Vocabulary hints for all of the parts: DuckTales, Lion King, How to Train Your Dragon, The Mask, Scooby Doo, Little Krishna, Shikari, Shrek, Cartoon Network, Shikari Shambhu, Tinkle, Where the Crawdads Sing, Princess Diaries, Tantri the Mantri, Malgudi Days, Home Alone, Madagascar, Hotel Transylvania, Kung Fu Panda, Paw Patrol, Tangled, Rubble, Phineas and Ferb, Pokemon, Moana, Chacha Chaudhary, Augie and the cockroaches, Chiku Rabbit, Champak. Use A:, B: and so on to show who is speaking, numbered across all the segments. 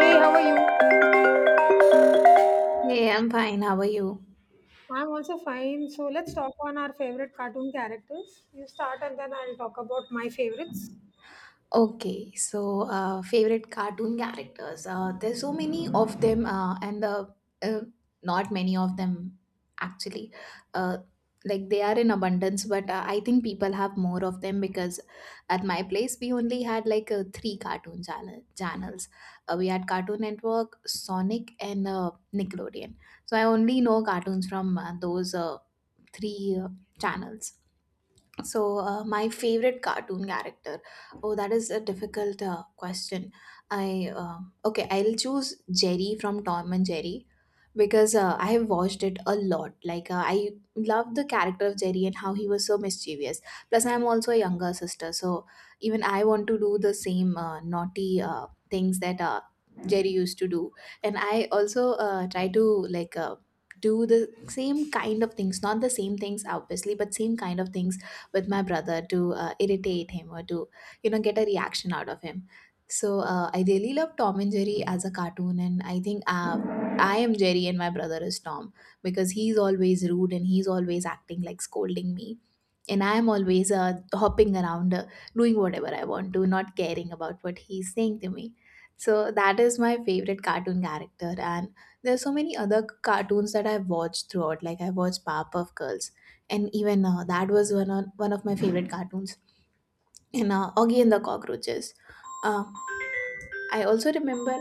A: Hey, how are you?
B: Hey, I'm fine. How are you?
A: I'm also fine. So let's talk on our favorite cartoon characters. You start and then I'll talk about my favorites.
B: Okay, so favorite cartoon characters. There's so many of them, and uh, not many of them actually. Uh, like they are in abundance, but I think people have more of them because at my place we only had like three cartoon channels. We had Cartoon Network, Sonic, and Nickelodeon. So I only know cartoons from those three channels. My favorite cartoon character. Oh, that is a difficult question. I uh, okay, I'll choose Jerry from Tom and Jerry, because I have watched it a lot. Like I love the character of Jerry and how he was so mischievous. Plus, I'm also a younger sister, so even I want to do the same naughty things that Jerry used to do. And I also try to like. Do the same kind of things, not the same things obviously, but same kind of things with my brother to irritate him or to, you know, get a reaction out of him. So I really love Tom and Jerry as a cartoon, and I think I am Jerry and my brother is Tom, because he's always rude and he's always acting like scolding me, and I am always hopping around, doing whatever I want to, not caring about what he's saying to me. So that is my favorite cartoon character. And there's so many other cartoons that I've watched throughout. Like I watched Powerpuff Girls, and even that was one of my favorite cartoons, and Augie and the cockroaches. uh, I also remember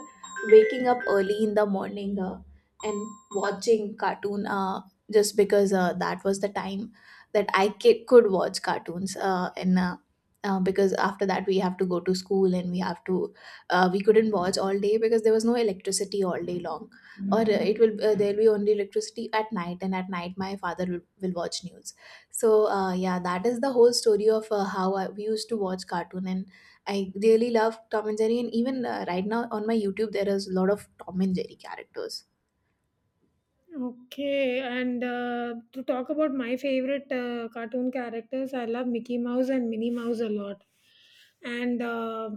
B: waking up early in the morning and watching cartoon, just because that was the time that I could watch cartoons, and because after that we have to go to school, and we have to, we couldn't watch all day because there was no electricity all day long. Or it will there will be only electricity at night, and at night my father will watch news. So yeah, that is the whole story of how we used to watch cartoon. And I really love Tom and Jerry, and even right now on my YouTube, there is a lot of Tom and Jerry characters.
A: Okay, and To talk about my favorite cartoon characters, I love Mickey Mouse and Minnie Mouse a lot. And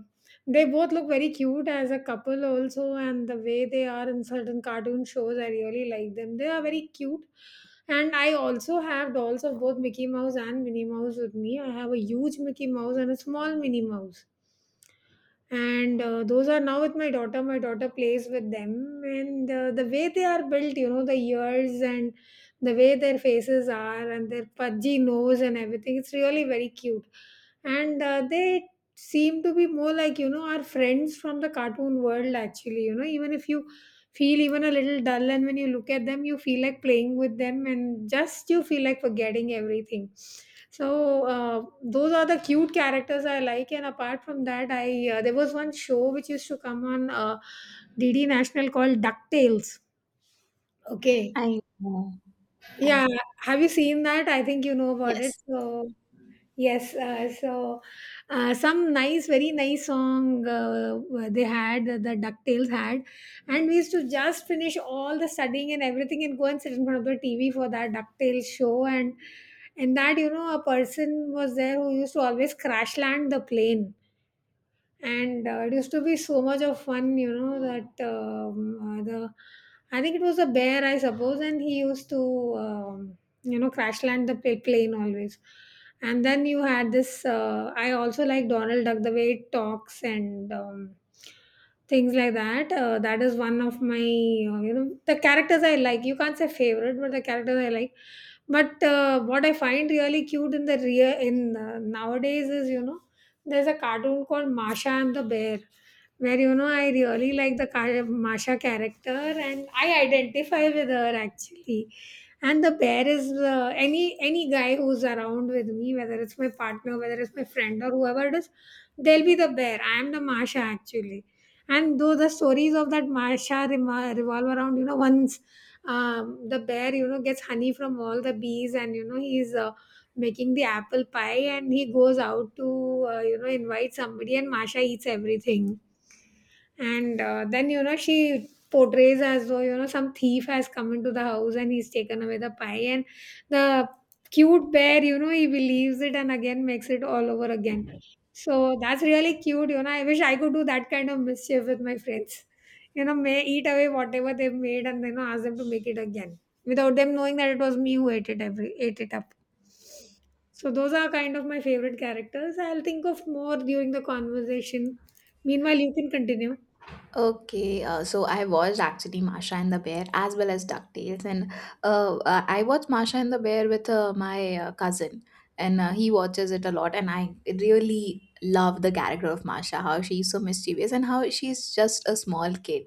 A: They both look very cute as a couple, also, and the way they are in certain cartoon shows, I really like them. They are very cute. And I also have dolls of both Mickey Mouse and Minnie Mouse with me. I have a huge Mickey Mouse and a small Minnie Mouse and those are now with my daughter. My daughter plays with them, and the way they are built, you know, the ears, and the way their faces are and their pudgy nose and everything, it's really very cute, and they seem to be more like, you know, our friends from the cartoon world actually. You know, even if you feel even a little dull and when you look at them, you feel like playing with them and just you feel like forgetting everything. So those are the cute characters I like, and apart from that, I there was one show which used to come on DD National called DuckTales. Okay.
B: I know. I,
A: Yeah, have you seen that? I think you know about it.
B: yes.
A: So, yes, so some nice, very nice song they had, the DuckTales had, and we used to just finish all the studying and everything and go and sit in front of the TV for that DuckTales show. And that, you know, a person was there who used to always crash land the plane, and it used to be so much of fun, you know, that the, I think it was a bear I suppose, and he used to you know, crash land the plane always. And then you had this I also like Donald Duck, the way it talks, and things like that. That is one of my, you know, the characters I like. You can't say favorite, but the characters I like. But what I find really cute in the real, in nowadays, is, you know, there's a cartoon called Masha and the Bear, where, you know, I really like the Masha character, and I identify with her actually. And the bear is, any guy who's around with me, whether it's my partner, whether it's my friend or whoever it is, they'll be the bear. I am the Masha actually. And though the stories of that Masha revolve around, you know, once, the bear, you know, gets honey from all the bees and, you know, he's making the apple pie and he goes out to you know, invite somebody, and Masha eats everything, and then, you know, she portrays as though, you know, some thief has come into the house and he's taken away the pie, and the cute bear, you know, he believes it and again makes it all over again. So that's really cute. You know, I wish I could do that kind of mischief with my friends, you know, may eat away whatever they've made and then ask them to make it again without them knowing that it was me who ate it, every ate it up. So those are kind of my favorite characters. I'll think of more during the conversation. Meanwhile, you can continue.
B: Okay, so I watched actually Masha and the Bear as well as DuckTales, and I watched Masha and the Bear with my cousin, and he watches it a lot. And I really love the character of Masha, how she's so mischievous, and how she's just a small kid,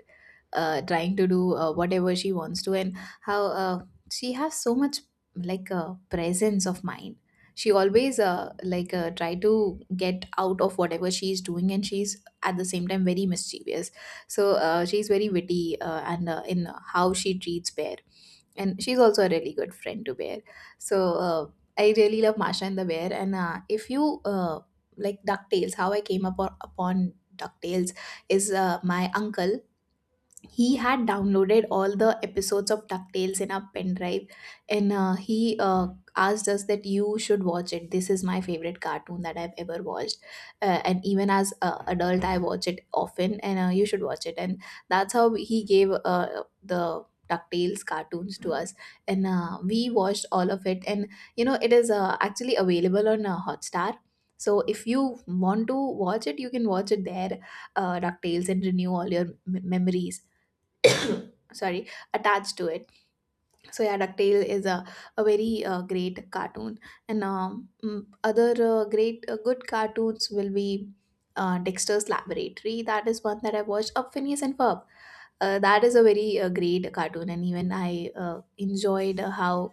B: trying to do whatever she wants to, and how she has so much, like, presence of mind. She always try to get out of whatever she's doing, and she's at the same time very mischievous. So she's very witty, and in how she treats Bear, and she's also a really good friend to Bear. So I really love Masha and the Bear. And if you like DuckTales, how I came up upon DuckTales is, my uncle, he had downloaded all the episodes of DuckTales in our pen drive. And he asked us that you should watch it, this is my favorite cartoon that I've ever watched, and even as a adult I watch it often, and you should watch it. And that's how he gave the DuckTales cartoons to us, and we watched all of it. And you know it is actually available on Hotstar, so if you want to watch it you can watch it there, DuckTales, and renew all your memories, sorry, attached to it. So yeah, ducktale is a very great cartoon. Other great good cartoons will be, Dexter's Laboratory, that is one that I watched, Phineas and Ferb, that is a very great cartoon. And even I enjoyed how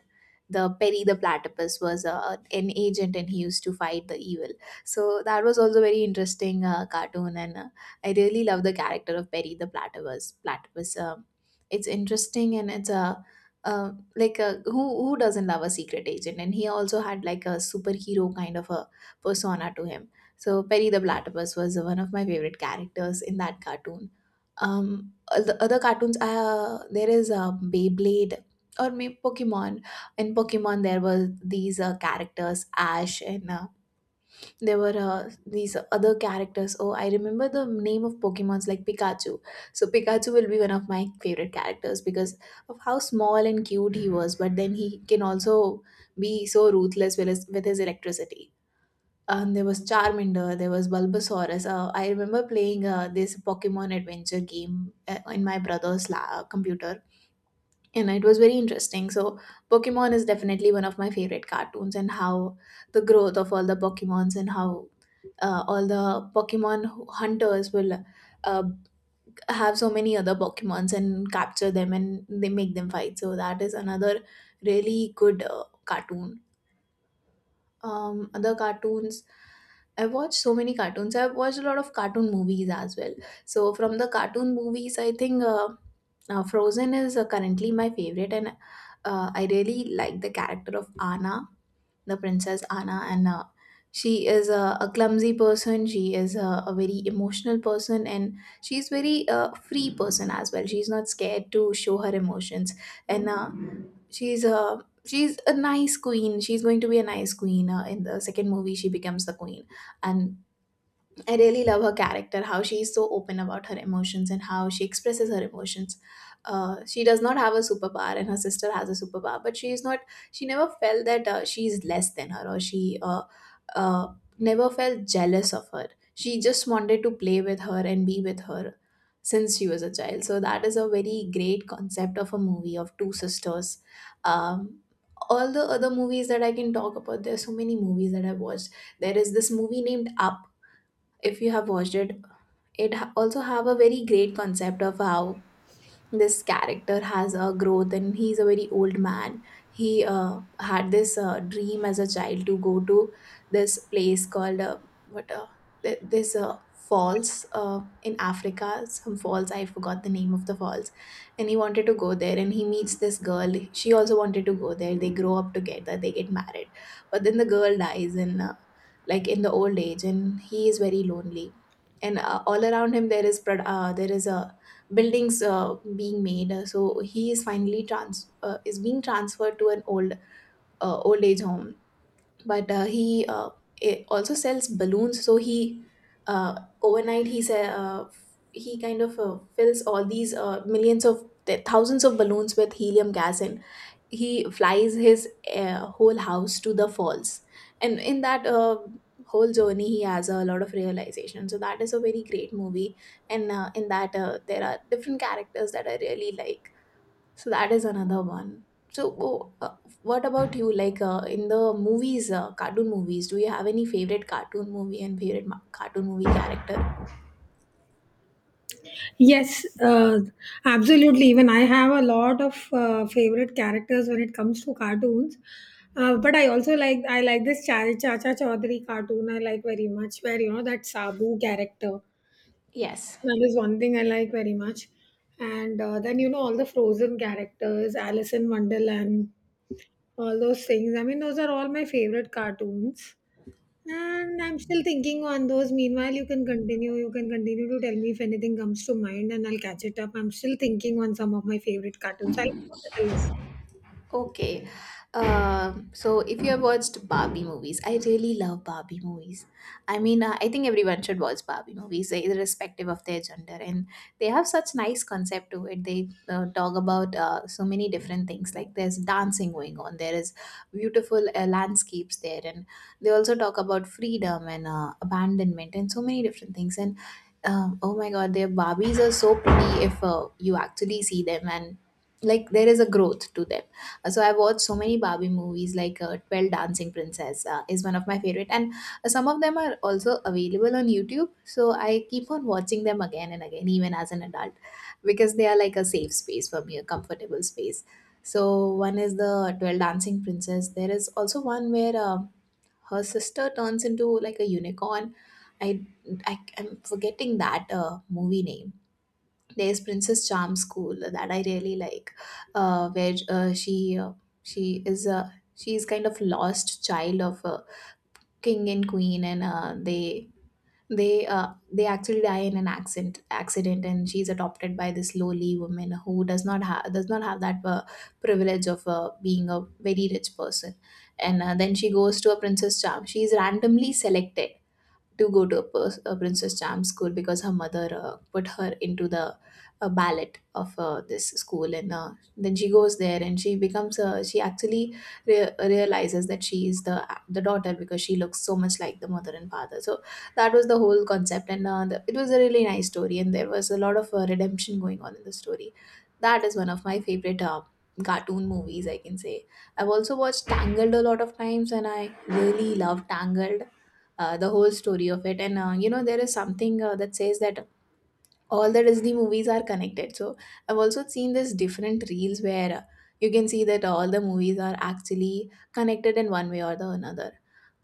B: the Perry the Platypus was an agent, and he used to fight the evil. So that was also very interesting cartoon. And I really love the character of Perry the Platypus. Platypus, it's interesting, and it's a, who doesn't love a secret agent? And he also had like a superhero kind of a persona to him. So Perry the Platypus was one of my favorite characters in that cartoon. Um, Other cartoons, there is Beyblade, or maybe Pokemon. In Pokemon, there were these characters, Ash, and there were these other characters. Oh, I remember the name of Pokemon's, like Pikachu. So Pikachu will be one of my favorite characters, because of how small and cute he was. But then he can also be so ruthless with his electricity. And there was Charmander, there was Bulbasaurus. I remember playing this Pokemon adventure game in my brother's computer, and it was very interesting. So, Pokemon is definitely one of my favorite cartoons, and how the growth of all the Pokemons, and how all the Pokemon hunters will uh, have so many other Pokemons and capture them and they make them fight. So, that is another really good cartoon. Um, other cartoons, I watched so many cartoons. I've watched a lot of cartoon movies as well. So from the cartoon movies I think Frozen is currently my favorite. And I really like the character of anna the Princess Anna, and she is a clumsy person. She is a very emotional person, and she's very free person as well. She's not scared to show her emotions, and she's a, she's a nice queen. She's going to be a nice queen. In the second movie, she becomes the queen, and I really love her character, how she is so open about her emotions and how she expresses her emotions. She does not have a superpower, and her sister has a superpower, but she is not. She never felt that she is less than her, or she uh, never felt jealous of her. She just wanted to play with her and be with her since she was a child. So that is a very great concept of a movie of two sisters. Um, all the other movies that I can talk about, there are so many movies that I've watched. There is this movie named Up, if you have watched it. It also have a very great concept of how this character has a growth. And he's a very old man, he had this dream as a child to go to this place called, what uh, this falls in Africa, some falls, I forgot the name of the falls. And he wanted to go there, and he meets this girl, she also wanted to go there, they grow up together, they get married, but then the girl dies in, in the old age, and he is very lonely. And all around him there is there is a buildings being made. So he is finally trans is being transferred to an old age home. But he also sells balloons. So he, uh, overnight he, he kind of fills all these thousands of balloons with helium gas, and he flies his whole house to the falls. And in that whole journey he has a lot of realization. So that is a very great movie. And in that there are different characters that I really like. So that is another one. so oh, uh, what about you? Like in the movies, cartoon movies, do you have any favorite cartoon movie and favorite cartoon movie character?
A: Yes, absolutely. Even I have a lot of favorite characters when it comes to cartoons. But I also like, I like this Chacha Chaudhary cartoon. I like very much, where, you know, that Sabu character.
B: Yes.
A: That is one thing I like very much. And then, you know, all the Frozen characters, Alice in Wonderland, all those things. I mean, those are all my favorite cartoons. And I'm still thinking on those. Meanwhile, you can continue. You can continue to tell me if anything comes to mind and I'll catch it up. I'm still thinking on some of my favorite cartoons. I'll come up with a list.
B: Okay. So if you have watched Barbie movies, I really love Barbie movies. I mean, I think everyone should watch Barbie movies, irrespective of their gender, and they have such nice concept to it. They talk about so many different things. Like there's dancing going on, there is beautiful landscapes there, and they also talk about freedom and abandonment and so many different things. And oh my God, their Barbies are so pretty if you actually see them, and like there is a growth to them. So I've watched so many Barbie movies like 12 Dancing Princess is one of my favorite, and some of them are also available on YouTube, so I keep on watching them again and again even as an adult because they are like a safe space for me, a comfortable space. So one is the 12 Dancing Princess. There is also one where her sister turns into like a unicorn. i I am forgetting that movie name. There's Princess Charm School that I really like, where she is kind of lost child of a king and queen, and they actually die in an accident, and she's adopted by this lowly woman who does not have that privilege of being a very rich person, and then she goes to a Princess Charm. She's randomly selected to go to a Princess Charm school because her mother put her into the ballet of this school, and then she goes there and she becomes she actually realizes that she is the daughter because she looks so much like the mother and father. So that was the whole concept, and it was a really nice story, and there was a lot of redemption going on in the story. That is one of my favorite. Cartoon movies, I can say. I've also watched Tangled a lot of times, and I really love Tangled, the whole story of it. And you know, there is something that says that all the Disney movies are connected. So I've also seen this different reels where you can see that all the movies are actually connected in one way or the another.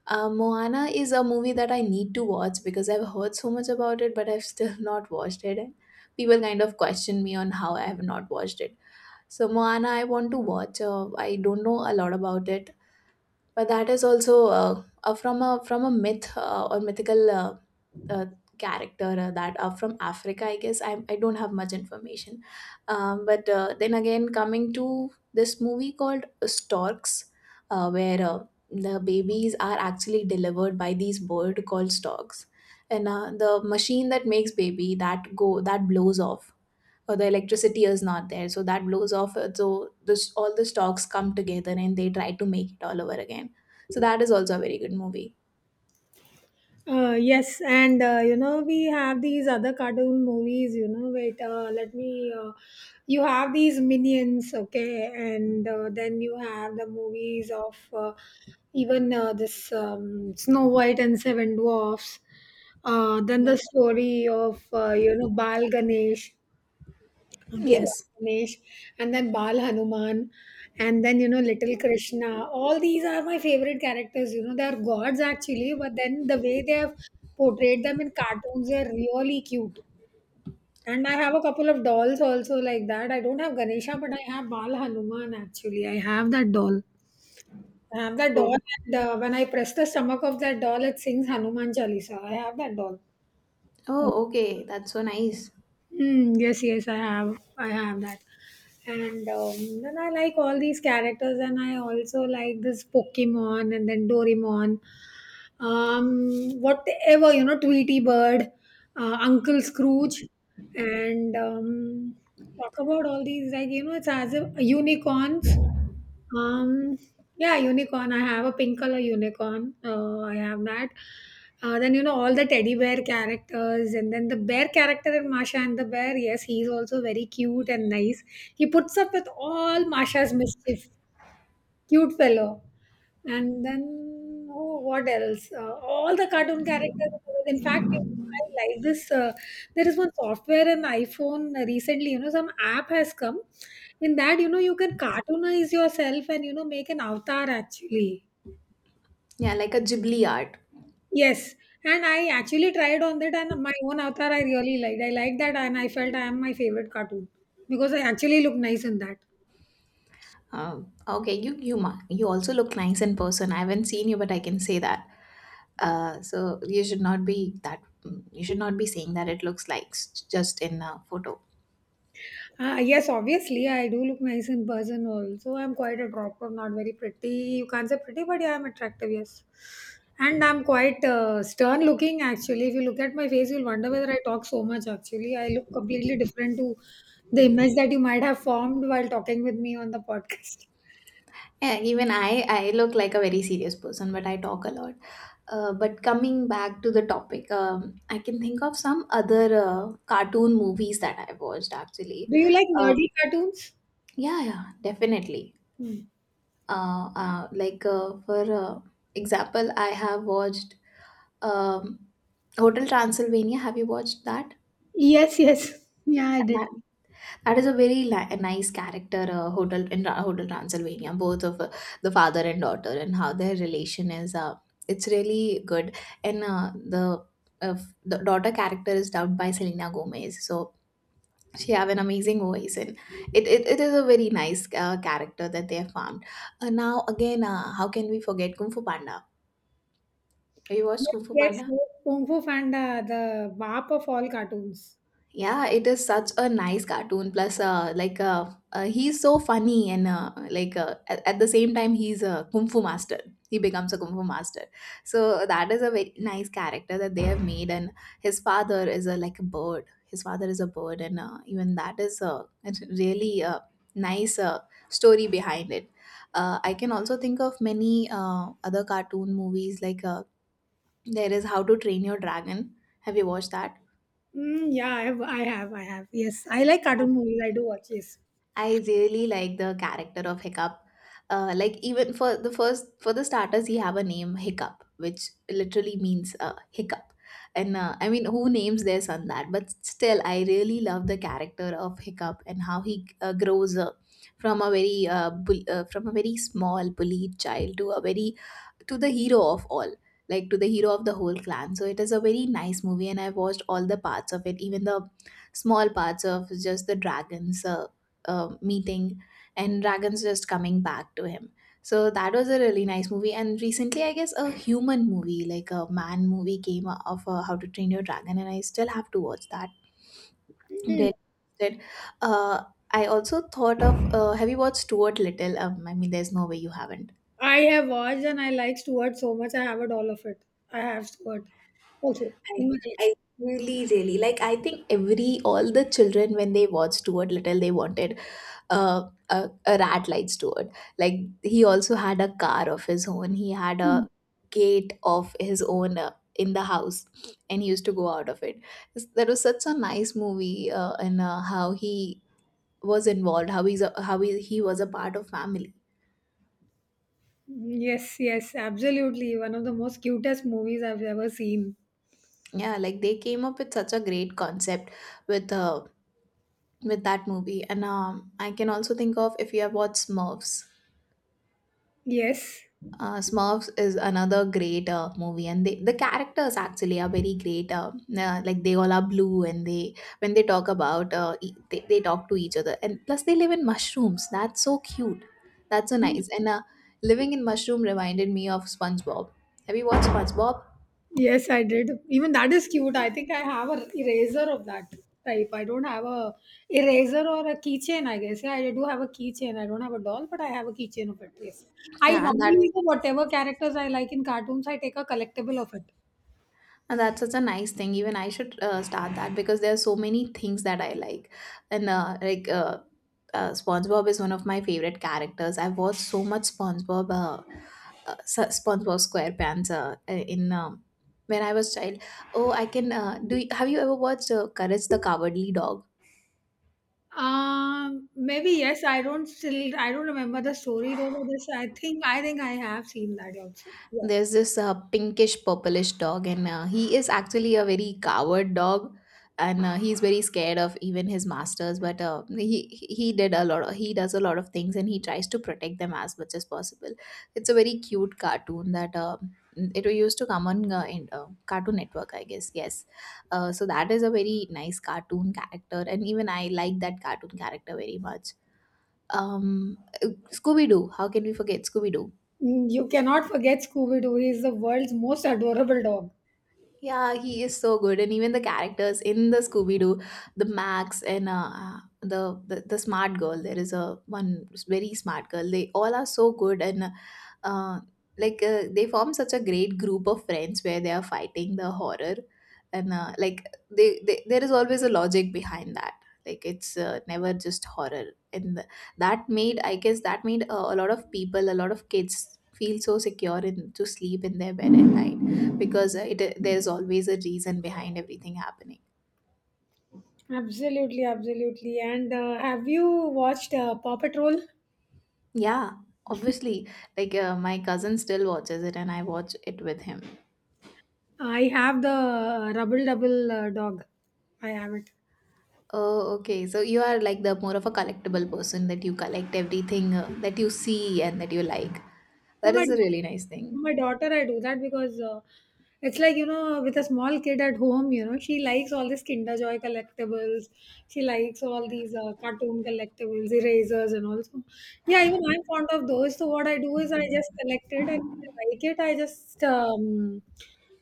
B: Moana is a movie that I need to watch because I've heard so much about it, but I've still not watched it, and people kind of question me on how I have not watched it. So Moana I want to watch. I don't know a lot about it, but that is also from a myth, or mythical uh, character that are from Africa, I guess. I don't have much information. But then again, coming to this movie called Storks, where the babies are actually delivered by these bird called storks, and the machine that makes baby, that blows off, or the electricity is not there, so that blows off, so this all the stocks come together and they try to make it all over again. So that is also a very good movie.
A: Yes, and you know, we have these other cartoon movies, you know. Wait, let me. You have these minions, okay, and then you have the movies of, even this Snow White and Seven Dwarfs. Then
B: Yep.
A: the story of, you know, Bal Ganesh. Okay, Bal
B: Yes.
A: Ganesh, and then Bal Hanuman, and then, you know, Little Krishna. All these are my favorite characters. You know, they are gods actually, but then the way they have portrayed them in cartoons, they are really cute. And I have a couple of dolls also like that. I don't have Ganesha, but I have Bal Hanuman actually. I have that doll. I have that doll,
B: Oh.
A: and when I press the stomach of that doll, it sings Hanuman Chalisa. I have that doll.
B: Oh, okay, that's so nice.
A: Hmm. Yes, yes, I have. I have that. And then I like all these characters, and I also like this Pokemon and then Doraemon. Whatever, you know, Tweety Bird, Uncle Scrooge, and talk about all these, like, you know, it's as if unicorns. Um, yeah, unicorn. I have a pink color unicorn. I have that. Then, you know, all the teddy bear characters, and then the bear character in Masha and the Bear. Yes, he's also very cute and nice. He puts up with all Masha's mischief. Cute fellow. And then, oh, what else? All the cartoon characters. In fact, you know, I like this. There is one software in iPhone recently. You know, some app has come. In that, you know, you can cartoonize yourself and, you know, make an avatar actually.
B: Yeah, like a Ghibli art.
A: Yes, and I actually tried on that, and my own avatar I really liked. I liked that, and I felt I am my favorite cartoon because I actually look nice in that.
B: Okay, you also look nice in person. I haven't seen you, but I can say that. So you should not be that, you should not be saying that it looks like just in a photo.
A: Yes, obviously, I do look nice in person also. I'm quite attractive, not very pretty. You can't say pretty, but yeah, I'm attractive, yes. And I'm quite stern looking actually. If you look at my face, you'll wonder whether I talk so much actually. I look completely different to the image that you might have formed while talking with me on the podcast.
B: Yeah, even I look like a very serious person, but I talk a lot. But coming back to the topic, I can think of some other cartoon movies that I watched actually.
A: Do you like
B: Uh,
A: nerdy cartoons?
B: yeah, yeah, definitely.
A: Hmm.
B: Like for example, I have watched um, Hotel Transylvania. Have you watched that?
A: Yes, yes. Yeah, I
B: And
A: did.
B: that That is a a nice character. Hotel Transylvania, both of the father and daughter, and how their relation is. It's really good, and uh, the daughter character is dubbed by Selena Gomez. So she have an amazing voice, and it is a very nice character that they have found. Now again, how can we forget Kung Fu Panda? Have you watched
A: Yes,
B: Kung Fu
A: yes,
B: Panda?
A: yes. Kung Fu Panda, the bap of all cartoons.
B: Yeah, it is such a nice cartoon. Plus, he's so funny, and at the same time, he's a kung fu master. He becomes a kung fu master. So that is a very nice character that they have made. And his father is a like a bird. His father is a bird, and even that is a it's really a nice story behind it. I can also think of many other cartoon movies like there is How to Train Your Dragon. Have you watched
A: Mm, yeah, I have. Yes, I like cartoon movies.
B: that?
A: I do watch. Yes,
B: I really like the character of Hiccup. Like even for the starters, he have a name Hiccup, which literally means hiccup. And I mean, who names their son that? But still, I really love the character of Hiccup and how he grows from a very small bullied child to a very to the hero of all, like to the hero of the whole clan. So it is a very nice movie, and I watched all the parts of it, even the small parts of just the dragons. Meeting and dragons just coming back to him. So that was a really nice movie, and recently, I guess, a human movie, like a man movie, came of How to Train Your Dragon, and I still have to watch that. I'm
A: mm,
B: really interested. Uh, I also thought of have you watched Stuart Little? I mean, there's no way you haven't.
A: I have watched and I like Stuart so much. I have it all of it. I have Stuart also
B: I
A: in my
B: I
A: collection.
B: really, really like, I think every all the children, when they watched Stuart Little, they wanted a, a rat like Steward. Like, he also had a car of his own. He had a gate of his own in the house, and he used to go out of it. That was such a nice movie, and how he was involved, how he was a part of family.
A: Mm, yes, yes, absolutely. One of the most cutest movies I've ever seen.
B: Yeah, like they came up with such a great concept with uh, with that movie, and I can also think of, if you have watched Smurfs.
A: Yes.
B: Smurfs is another great movie, and the characters actually are very great. Like they all are blue, and they when they talk about they talk to each other, and plus they live in mushrooms. That's so cute. That's so nice. And living in mushroom reminded me of SpongeBob. Have you watched SpongeBob?
A: Yes, I did. Even that is cute. I think I have a eraser of that type. I don't have a eraser or a keychain, I guess. Yeah, I do have a keychain. I don't have a doll, but I have a keychain of it. Yes. I
B: Yeah, and that
A: normally do whatever characters I like in cartoons, I take a collectible of it.
B: And that's such a nice thing. Even I should start that because there are so many things that I like. And SpongeBob is one of my favorite characters. I've watched so much SpongeBob, SpongeBob SquarePants in when I was child. Oh, I can. Have you ever watched Courage the Cowardly Dog?
A: Maybe yes. I don't still. I don't remember the story though. But this, I think. I think I have seen that also. Yeah.
B: There's this pinkish purplish dog, and he is actually a very coward dog, and he's very scared of even his masters, but he did a he does a lot of things, and he tries to protect them as much as possible. It's a very cute cartoon. That It used to come on Cartoon Network, I guess. Yes, so that is a very nice cartoon character, and even I like that cartoon character very much. um scooby doo how can we forget scooby doo
A: Mm, you cannot forget Scooby Doo. He is the world's most adorable dog.
B: Yeah, he is so good, and even the characters in the Scooby Doo, the Max, and the smart girl. There is a one very smart girl. They all are so good, and uh, they form such a great group of friends where they are fighting the horror, and they there is always a logic behind that. Like, it's never just horror, and that made I guess that made a lot of people, a lot of kids feel so secure in to sleep in their bed at night because it there's always a reason behind everything happening.
A: Absolutely, absolutely. And have you watched Paw Patrol?
B: Yeah, obviously, like my cousin still watches it and I watch it with him.
A: I have the Rubble Double dog. I have it.
B: Oh, okay, so you are like the more of a collectible person, that you collect everything that you see and that you like.
A: For
B: That
A: my
B: is a
A: daughter,
B: really nice
A: for
B: thing.
A: my daughter, I do that because, it's like, you know, with a small kid at home, you know, she likes all these Kinder Joy collectibles. She likes all these cartoon collectibles, erasers, and also, yeah, even I'm fond of those. So what I do is I just collect it, and if I like it, I just,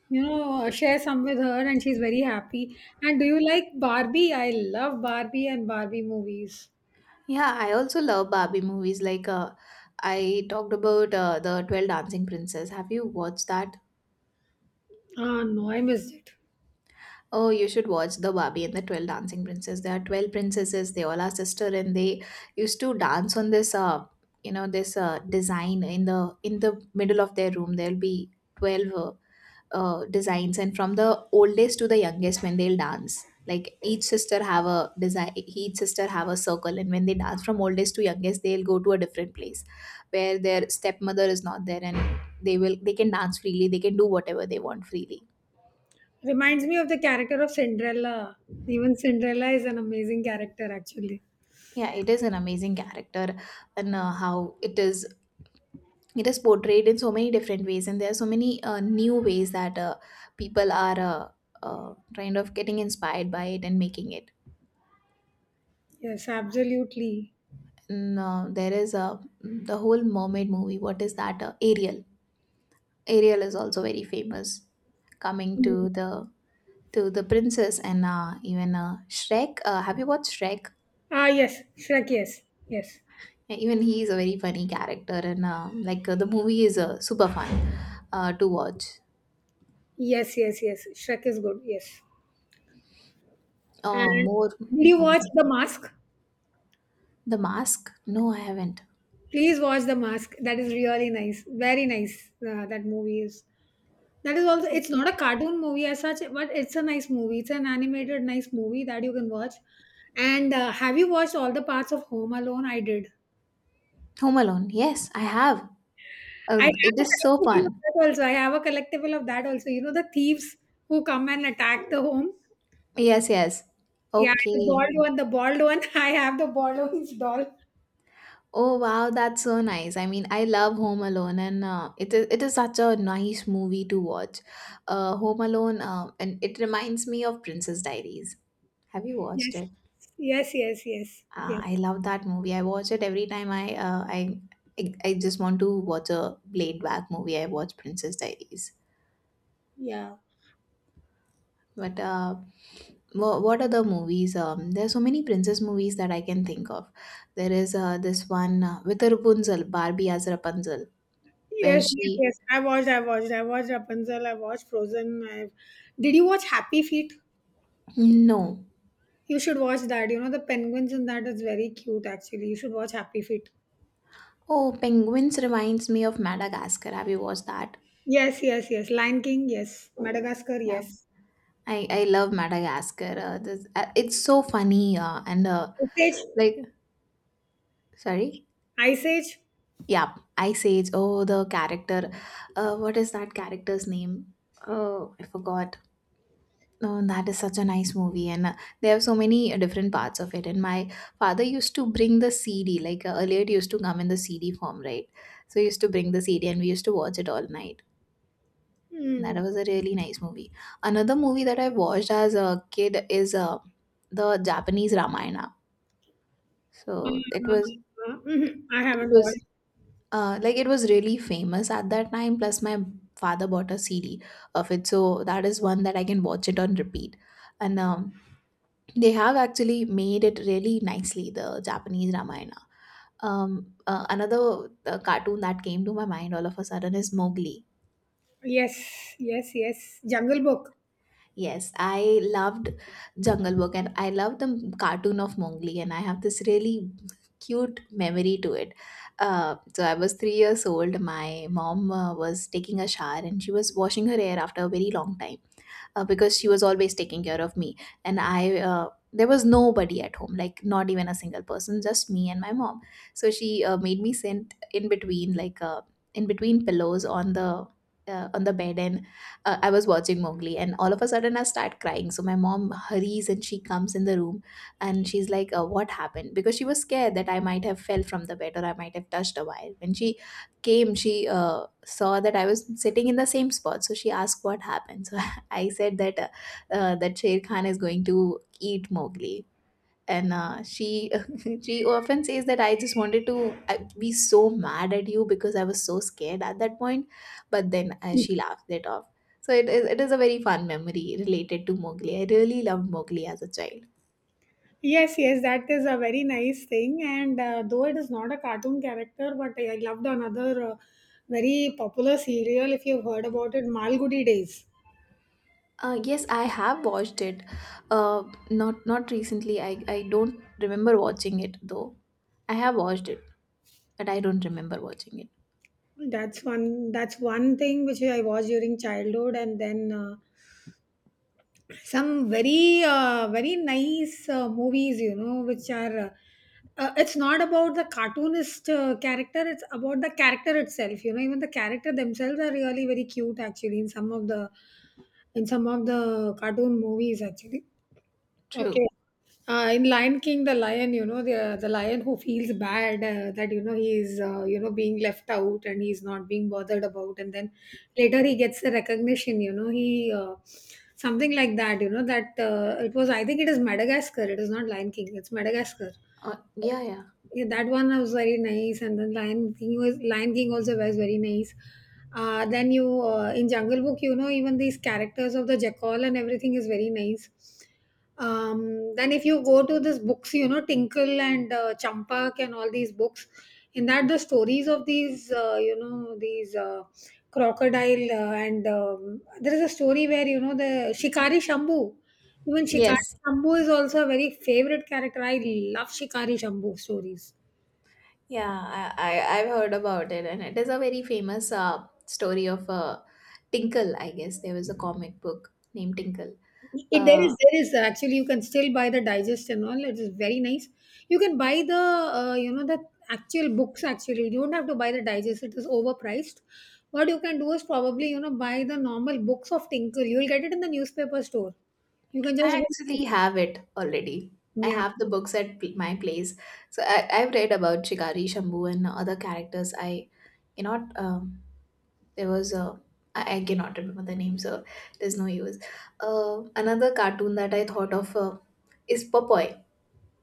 A: you know, share some with her, and she's very happy. And do you like Barbie? I love Barbie and Barbie movies.
B: Yeah, I also love Barbie movies. Like I talked about the 12 Dancing Princess. Have you watched that?
A: Ah, no, I missed it.
B: Oh, you should watch the Barbie and the 12 Dancing Princess. There are 12 princesses. They all are sister, and they used to dance on this you know, this design in the middle of their room. There'll be 12 designs, and from the oldest to the youngest when they'll dance. Like, each sister have a design, each sister have a circle, and when they dance from oldest to youngest, they'll go to a different place where their stepmother is not there, and they can dance freely, they can do whatever they want freely.
A: Reminds me of the character of Cinderella. Even Cinderella is an amazing character, actually.
B: Yeah, it is an amazing character, and how it is portrayed in so many different ways, and there are so many new ways that people are kind of getting inspired by it and making it.
A: Yes, absolutely.
B: And, there is a The whole mermaid movie, what is that, Ariel? Ariel is also very famous, coming
A: Hmm.
B: to the princess. And even shrek have you watched Shrek?
A: Ah, yes, Shrek. Yes, yes,
B: Yeah, even he is a very funny character, and the movie is super fun to watch.
A: yes, yes, yes. Shrek is good. Yes. And
B: More
A: did you watch
B: movies.
A: The Mask?
B: The Mask? No, I haven't.
A: Please watch The Mask. That is really nice. Very nice. That movie is. That is also. It's not a cartoon movie as such, but it's a nice movie. It's an animated nice movie that you can watch. And have you watched all the parts of Home Alone? I did.
B: Home Alone. Yes, I have.
A: I have
B: It is so fun.
A: a collectible of that also. I have a collectible of that also. You know the thieves who come and attack the home.
B: Yes, yes.
A: Yeah, the bald
B: Okay.
A: one, the bald one. I have the bald one's doll.
B: Oh wow, that's so nice. I mean, I love Home Alone, and it is such a nice movie to watch. Home Alone, and it reminds me of Princess Diaries. Have you watched
A: Yes,
B: it?
A: yes, yes, yes, yes.
B: I love that movie. I watch it every time I just want to watch a laid back movie. I watch Princess Diaries.
A: Yeah.
B: But what are the movies? There are so many princess movies that I can think of. There is this one with a Rapunzel, Barbie as Rapunzel, where
A: Yes,
B: she.
A: yes, yes. I watched Rapunzel, I watched Frozen. I Did you watch Happy Feet?
B: No.
A: You should watch that. You know, the penguins in that is very cute, actually. You should watch Happy Feet.
B: Oh, penguins reminds me of Madagascar. Have you watched that?
A: Yes, yes, yes. Lion King, yes. Madagascar,
B: Yeah,
A: yes.
B: I love Madagascar. It's so funny, and
A: Ice Age,
B: like sorry.
A: Ice Age.
B: Yeah, I say it's, oh, the character. What is that character's name? Oh, I forgot. Oh, that is such a nice movie, and they have so many different parts of it. And my father used to bring the CD, like earlier it used to come in the CD form, right? So he used to bring the CD, and we used to watch it all night. That
A: Hmm.
B: was a really nice movie. Another movie that I watched as a kid is the Japanese Ramayana.
A: Uh,
B: So
A: mhm, I
B: it
A: haven't watched.
B: was it was really famous at that time. Plus, my father bought a CD of it, so that is one that I can watch it on repeat. And they have actually made it really nicely, the Japanese Ramayana. Another cartoon that came to my mind all of a sudden is Mowgli.
A: Yes, yes, yes. Jungle Book.
B: Yes, I loved Jungle Book, and I love the cartoon of Mowgli, and I have this really cute memory to it. So I was three years old. My mom was taking a shower, and she was washing her hair after a very long time, because she was always taking care of me. And I there was nobody at home, like not even a single person, just me and my mom. So she made me sit in between, like in between pillows on the bed. And I was watching Mowgli, and all of a sudden I start crying. So my mom hurries, and she comes in the room, and she's like, what happened? Because she was scared that I might have fell from the bed or I might have touched a wire. When she came, she saw that I was sitting in the same spot, so she asked what happened. So I said that, that Sher Khan is going to eat Mowgli, and she she often says that I just wanted to be so mad at you, because I was so scared at that point, but then she laughed it off. So it is a very fun memory related to Mowgli. I really loved Mowgli as a child.
A: Yes, yes, that is a very nice thing. And though it is not a cartoon character, but I loved another very popular serial. If you've heard about it, Malgudi Days.
B: Yes, I have watched it. Uh, not not recently. I don't remember watching it though. I have watched it, but I don't remember watching it.
A: That's one. That's one thing which I watched during childhood, and then some very nice movies, you know, which are it's not about the cartoonist character, it's about the character itself, you know, even the character themselves are really very cute, actually, in some of the in some of the cartoon movies actually. Okay.
B: True.
A: In Lion King, the lion, you know, the lion who feels bad that, you know, he is, you know, being left out and he's not being bothered about, and then later he gets the recognition. You know, he something like that. You know, that it was. I think it is Madagascar. It is not Lion King. It's Madagascar.
B: Yeah, yeah.
A: Yeah, that one was very nice, and then Lion King also was very nice. Then you in Jungle Book, you know, even these characters of the jackal and everything is very nice. Then if you go to these books, you know, Tinkle and Champak and all these books, in that the stories of these, you know, these crocodile and there is a story where, you know, the Shikari Shambhu, even Shikari.
B: Yes.
A: Shambhu is also a very favorite character. I love Shikari Shambhu stories.
B: Yeah, I've heard about it, and it is a very famous story of Tinkle. I guess there was a comic book named Tinkle.
A: There
B: Uh,
A: is there is actually, you can still buy the digest and all. It is very nice. You can buy the you know, the actual books actually. You don't have to buy the digest. It is overpriced. What you can do is probably, you know, buy the normal books of Tinkle. You will get it in the newspaper store. You can just
B: I
A: go.
B: actually have it already. I
A: Yeah.
B: have the books at my place, so I've read about Shikari, Shambhu, and other characters. I cannot. There was a I cannot remember the name, so there's no use. Another cartoon that I thought of is Popoy.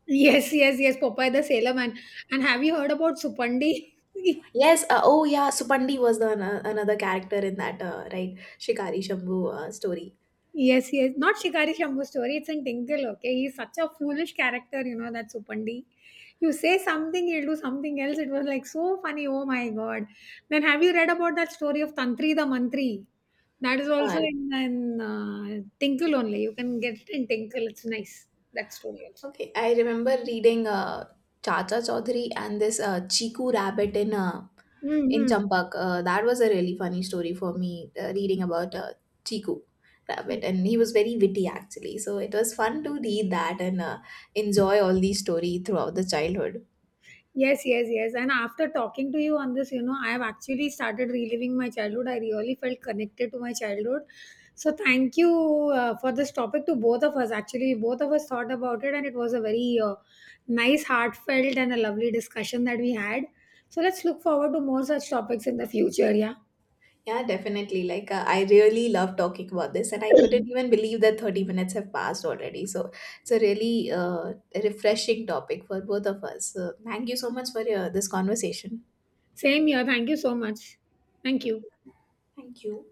A: Yes, yes, yes. Popeye the Sailor Man. And have you heard about Supandi?
B: Yes. Oh, yeah. Supandi was the another character in that, right, Shikari Shambhu story.
A: Yes, yes. Not Shikari Shambhu story. It's in Tinkle, okay? He's such a foolish character, you know, that Supandi. You say something, he'll do something else. It was like so funny. Oh my God. Then have you read about that story of Tantri the Mantri? That is also
B: And
A: in Tinkle only. You can get it in Tinkle. It's nice. That story also.
B: okay, I remember reading Chacha Chaudhary and this Chiku Rabbit in
A: Hmm.
B: Champak. That was a really funny story for me reading about Chiku Rabbit, and he was very witty actually. So it was fun to read that and enjoy all these story throughout the childhood.
A: Yes, yes, yes. And after talking to you on this, you know, I have actually started reliving my childhood. I really felt connected to my childhood. So thank you for this topic to both of us. Actually, both of us thought about it, and it was a very nice, heartfelt, and a lovely discussion that we had. So let's look forward to more such topics in the future. Yeah.
B: Yeah, definitely. Like, I really love talking about this, and I couldn't even believe that 30 minutes have passed already. So, it's a really refreshing topic for both of us. So, thank you so much for your, this conversation.
A: Same here. Thank you so much. Thank you.
B: Thank you.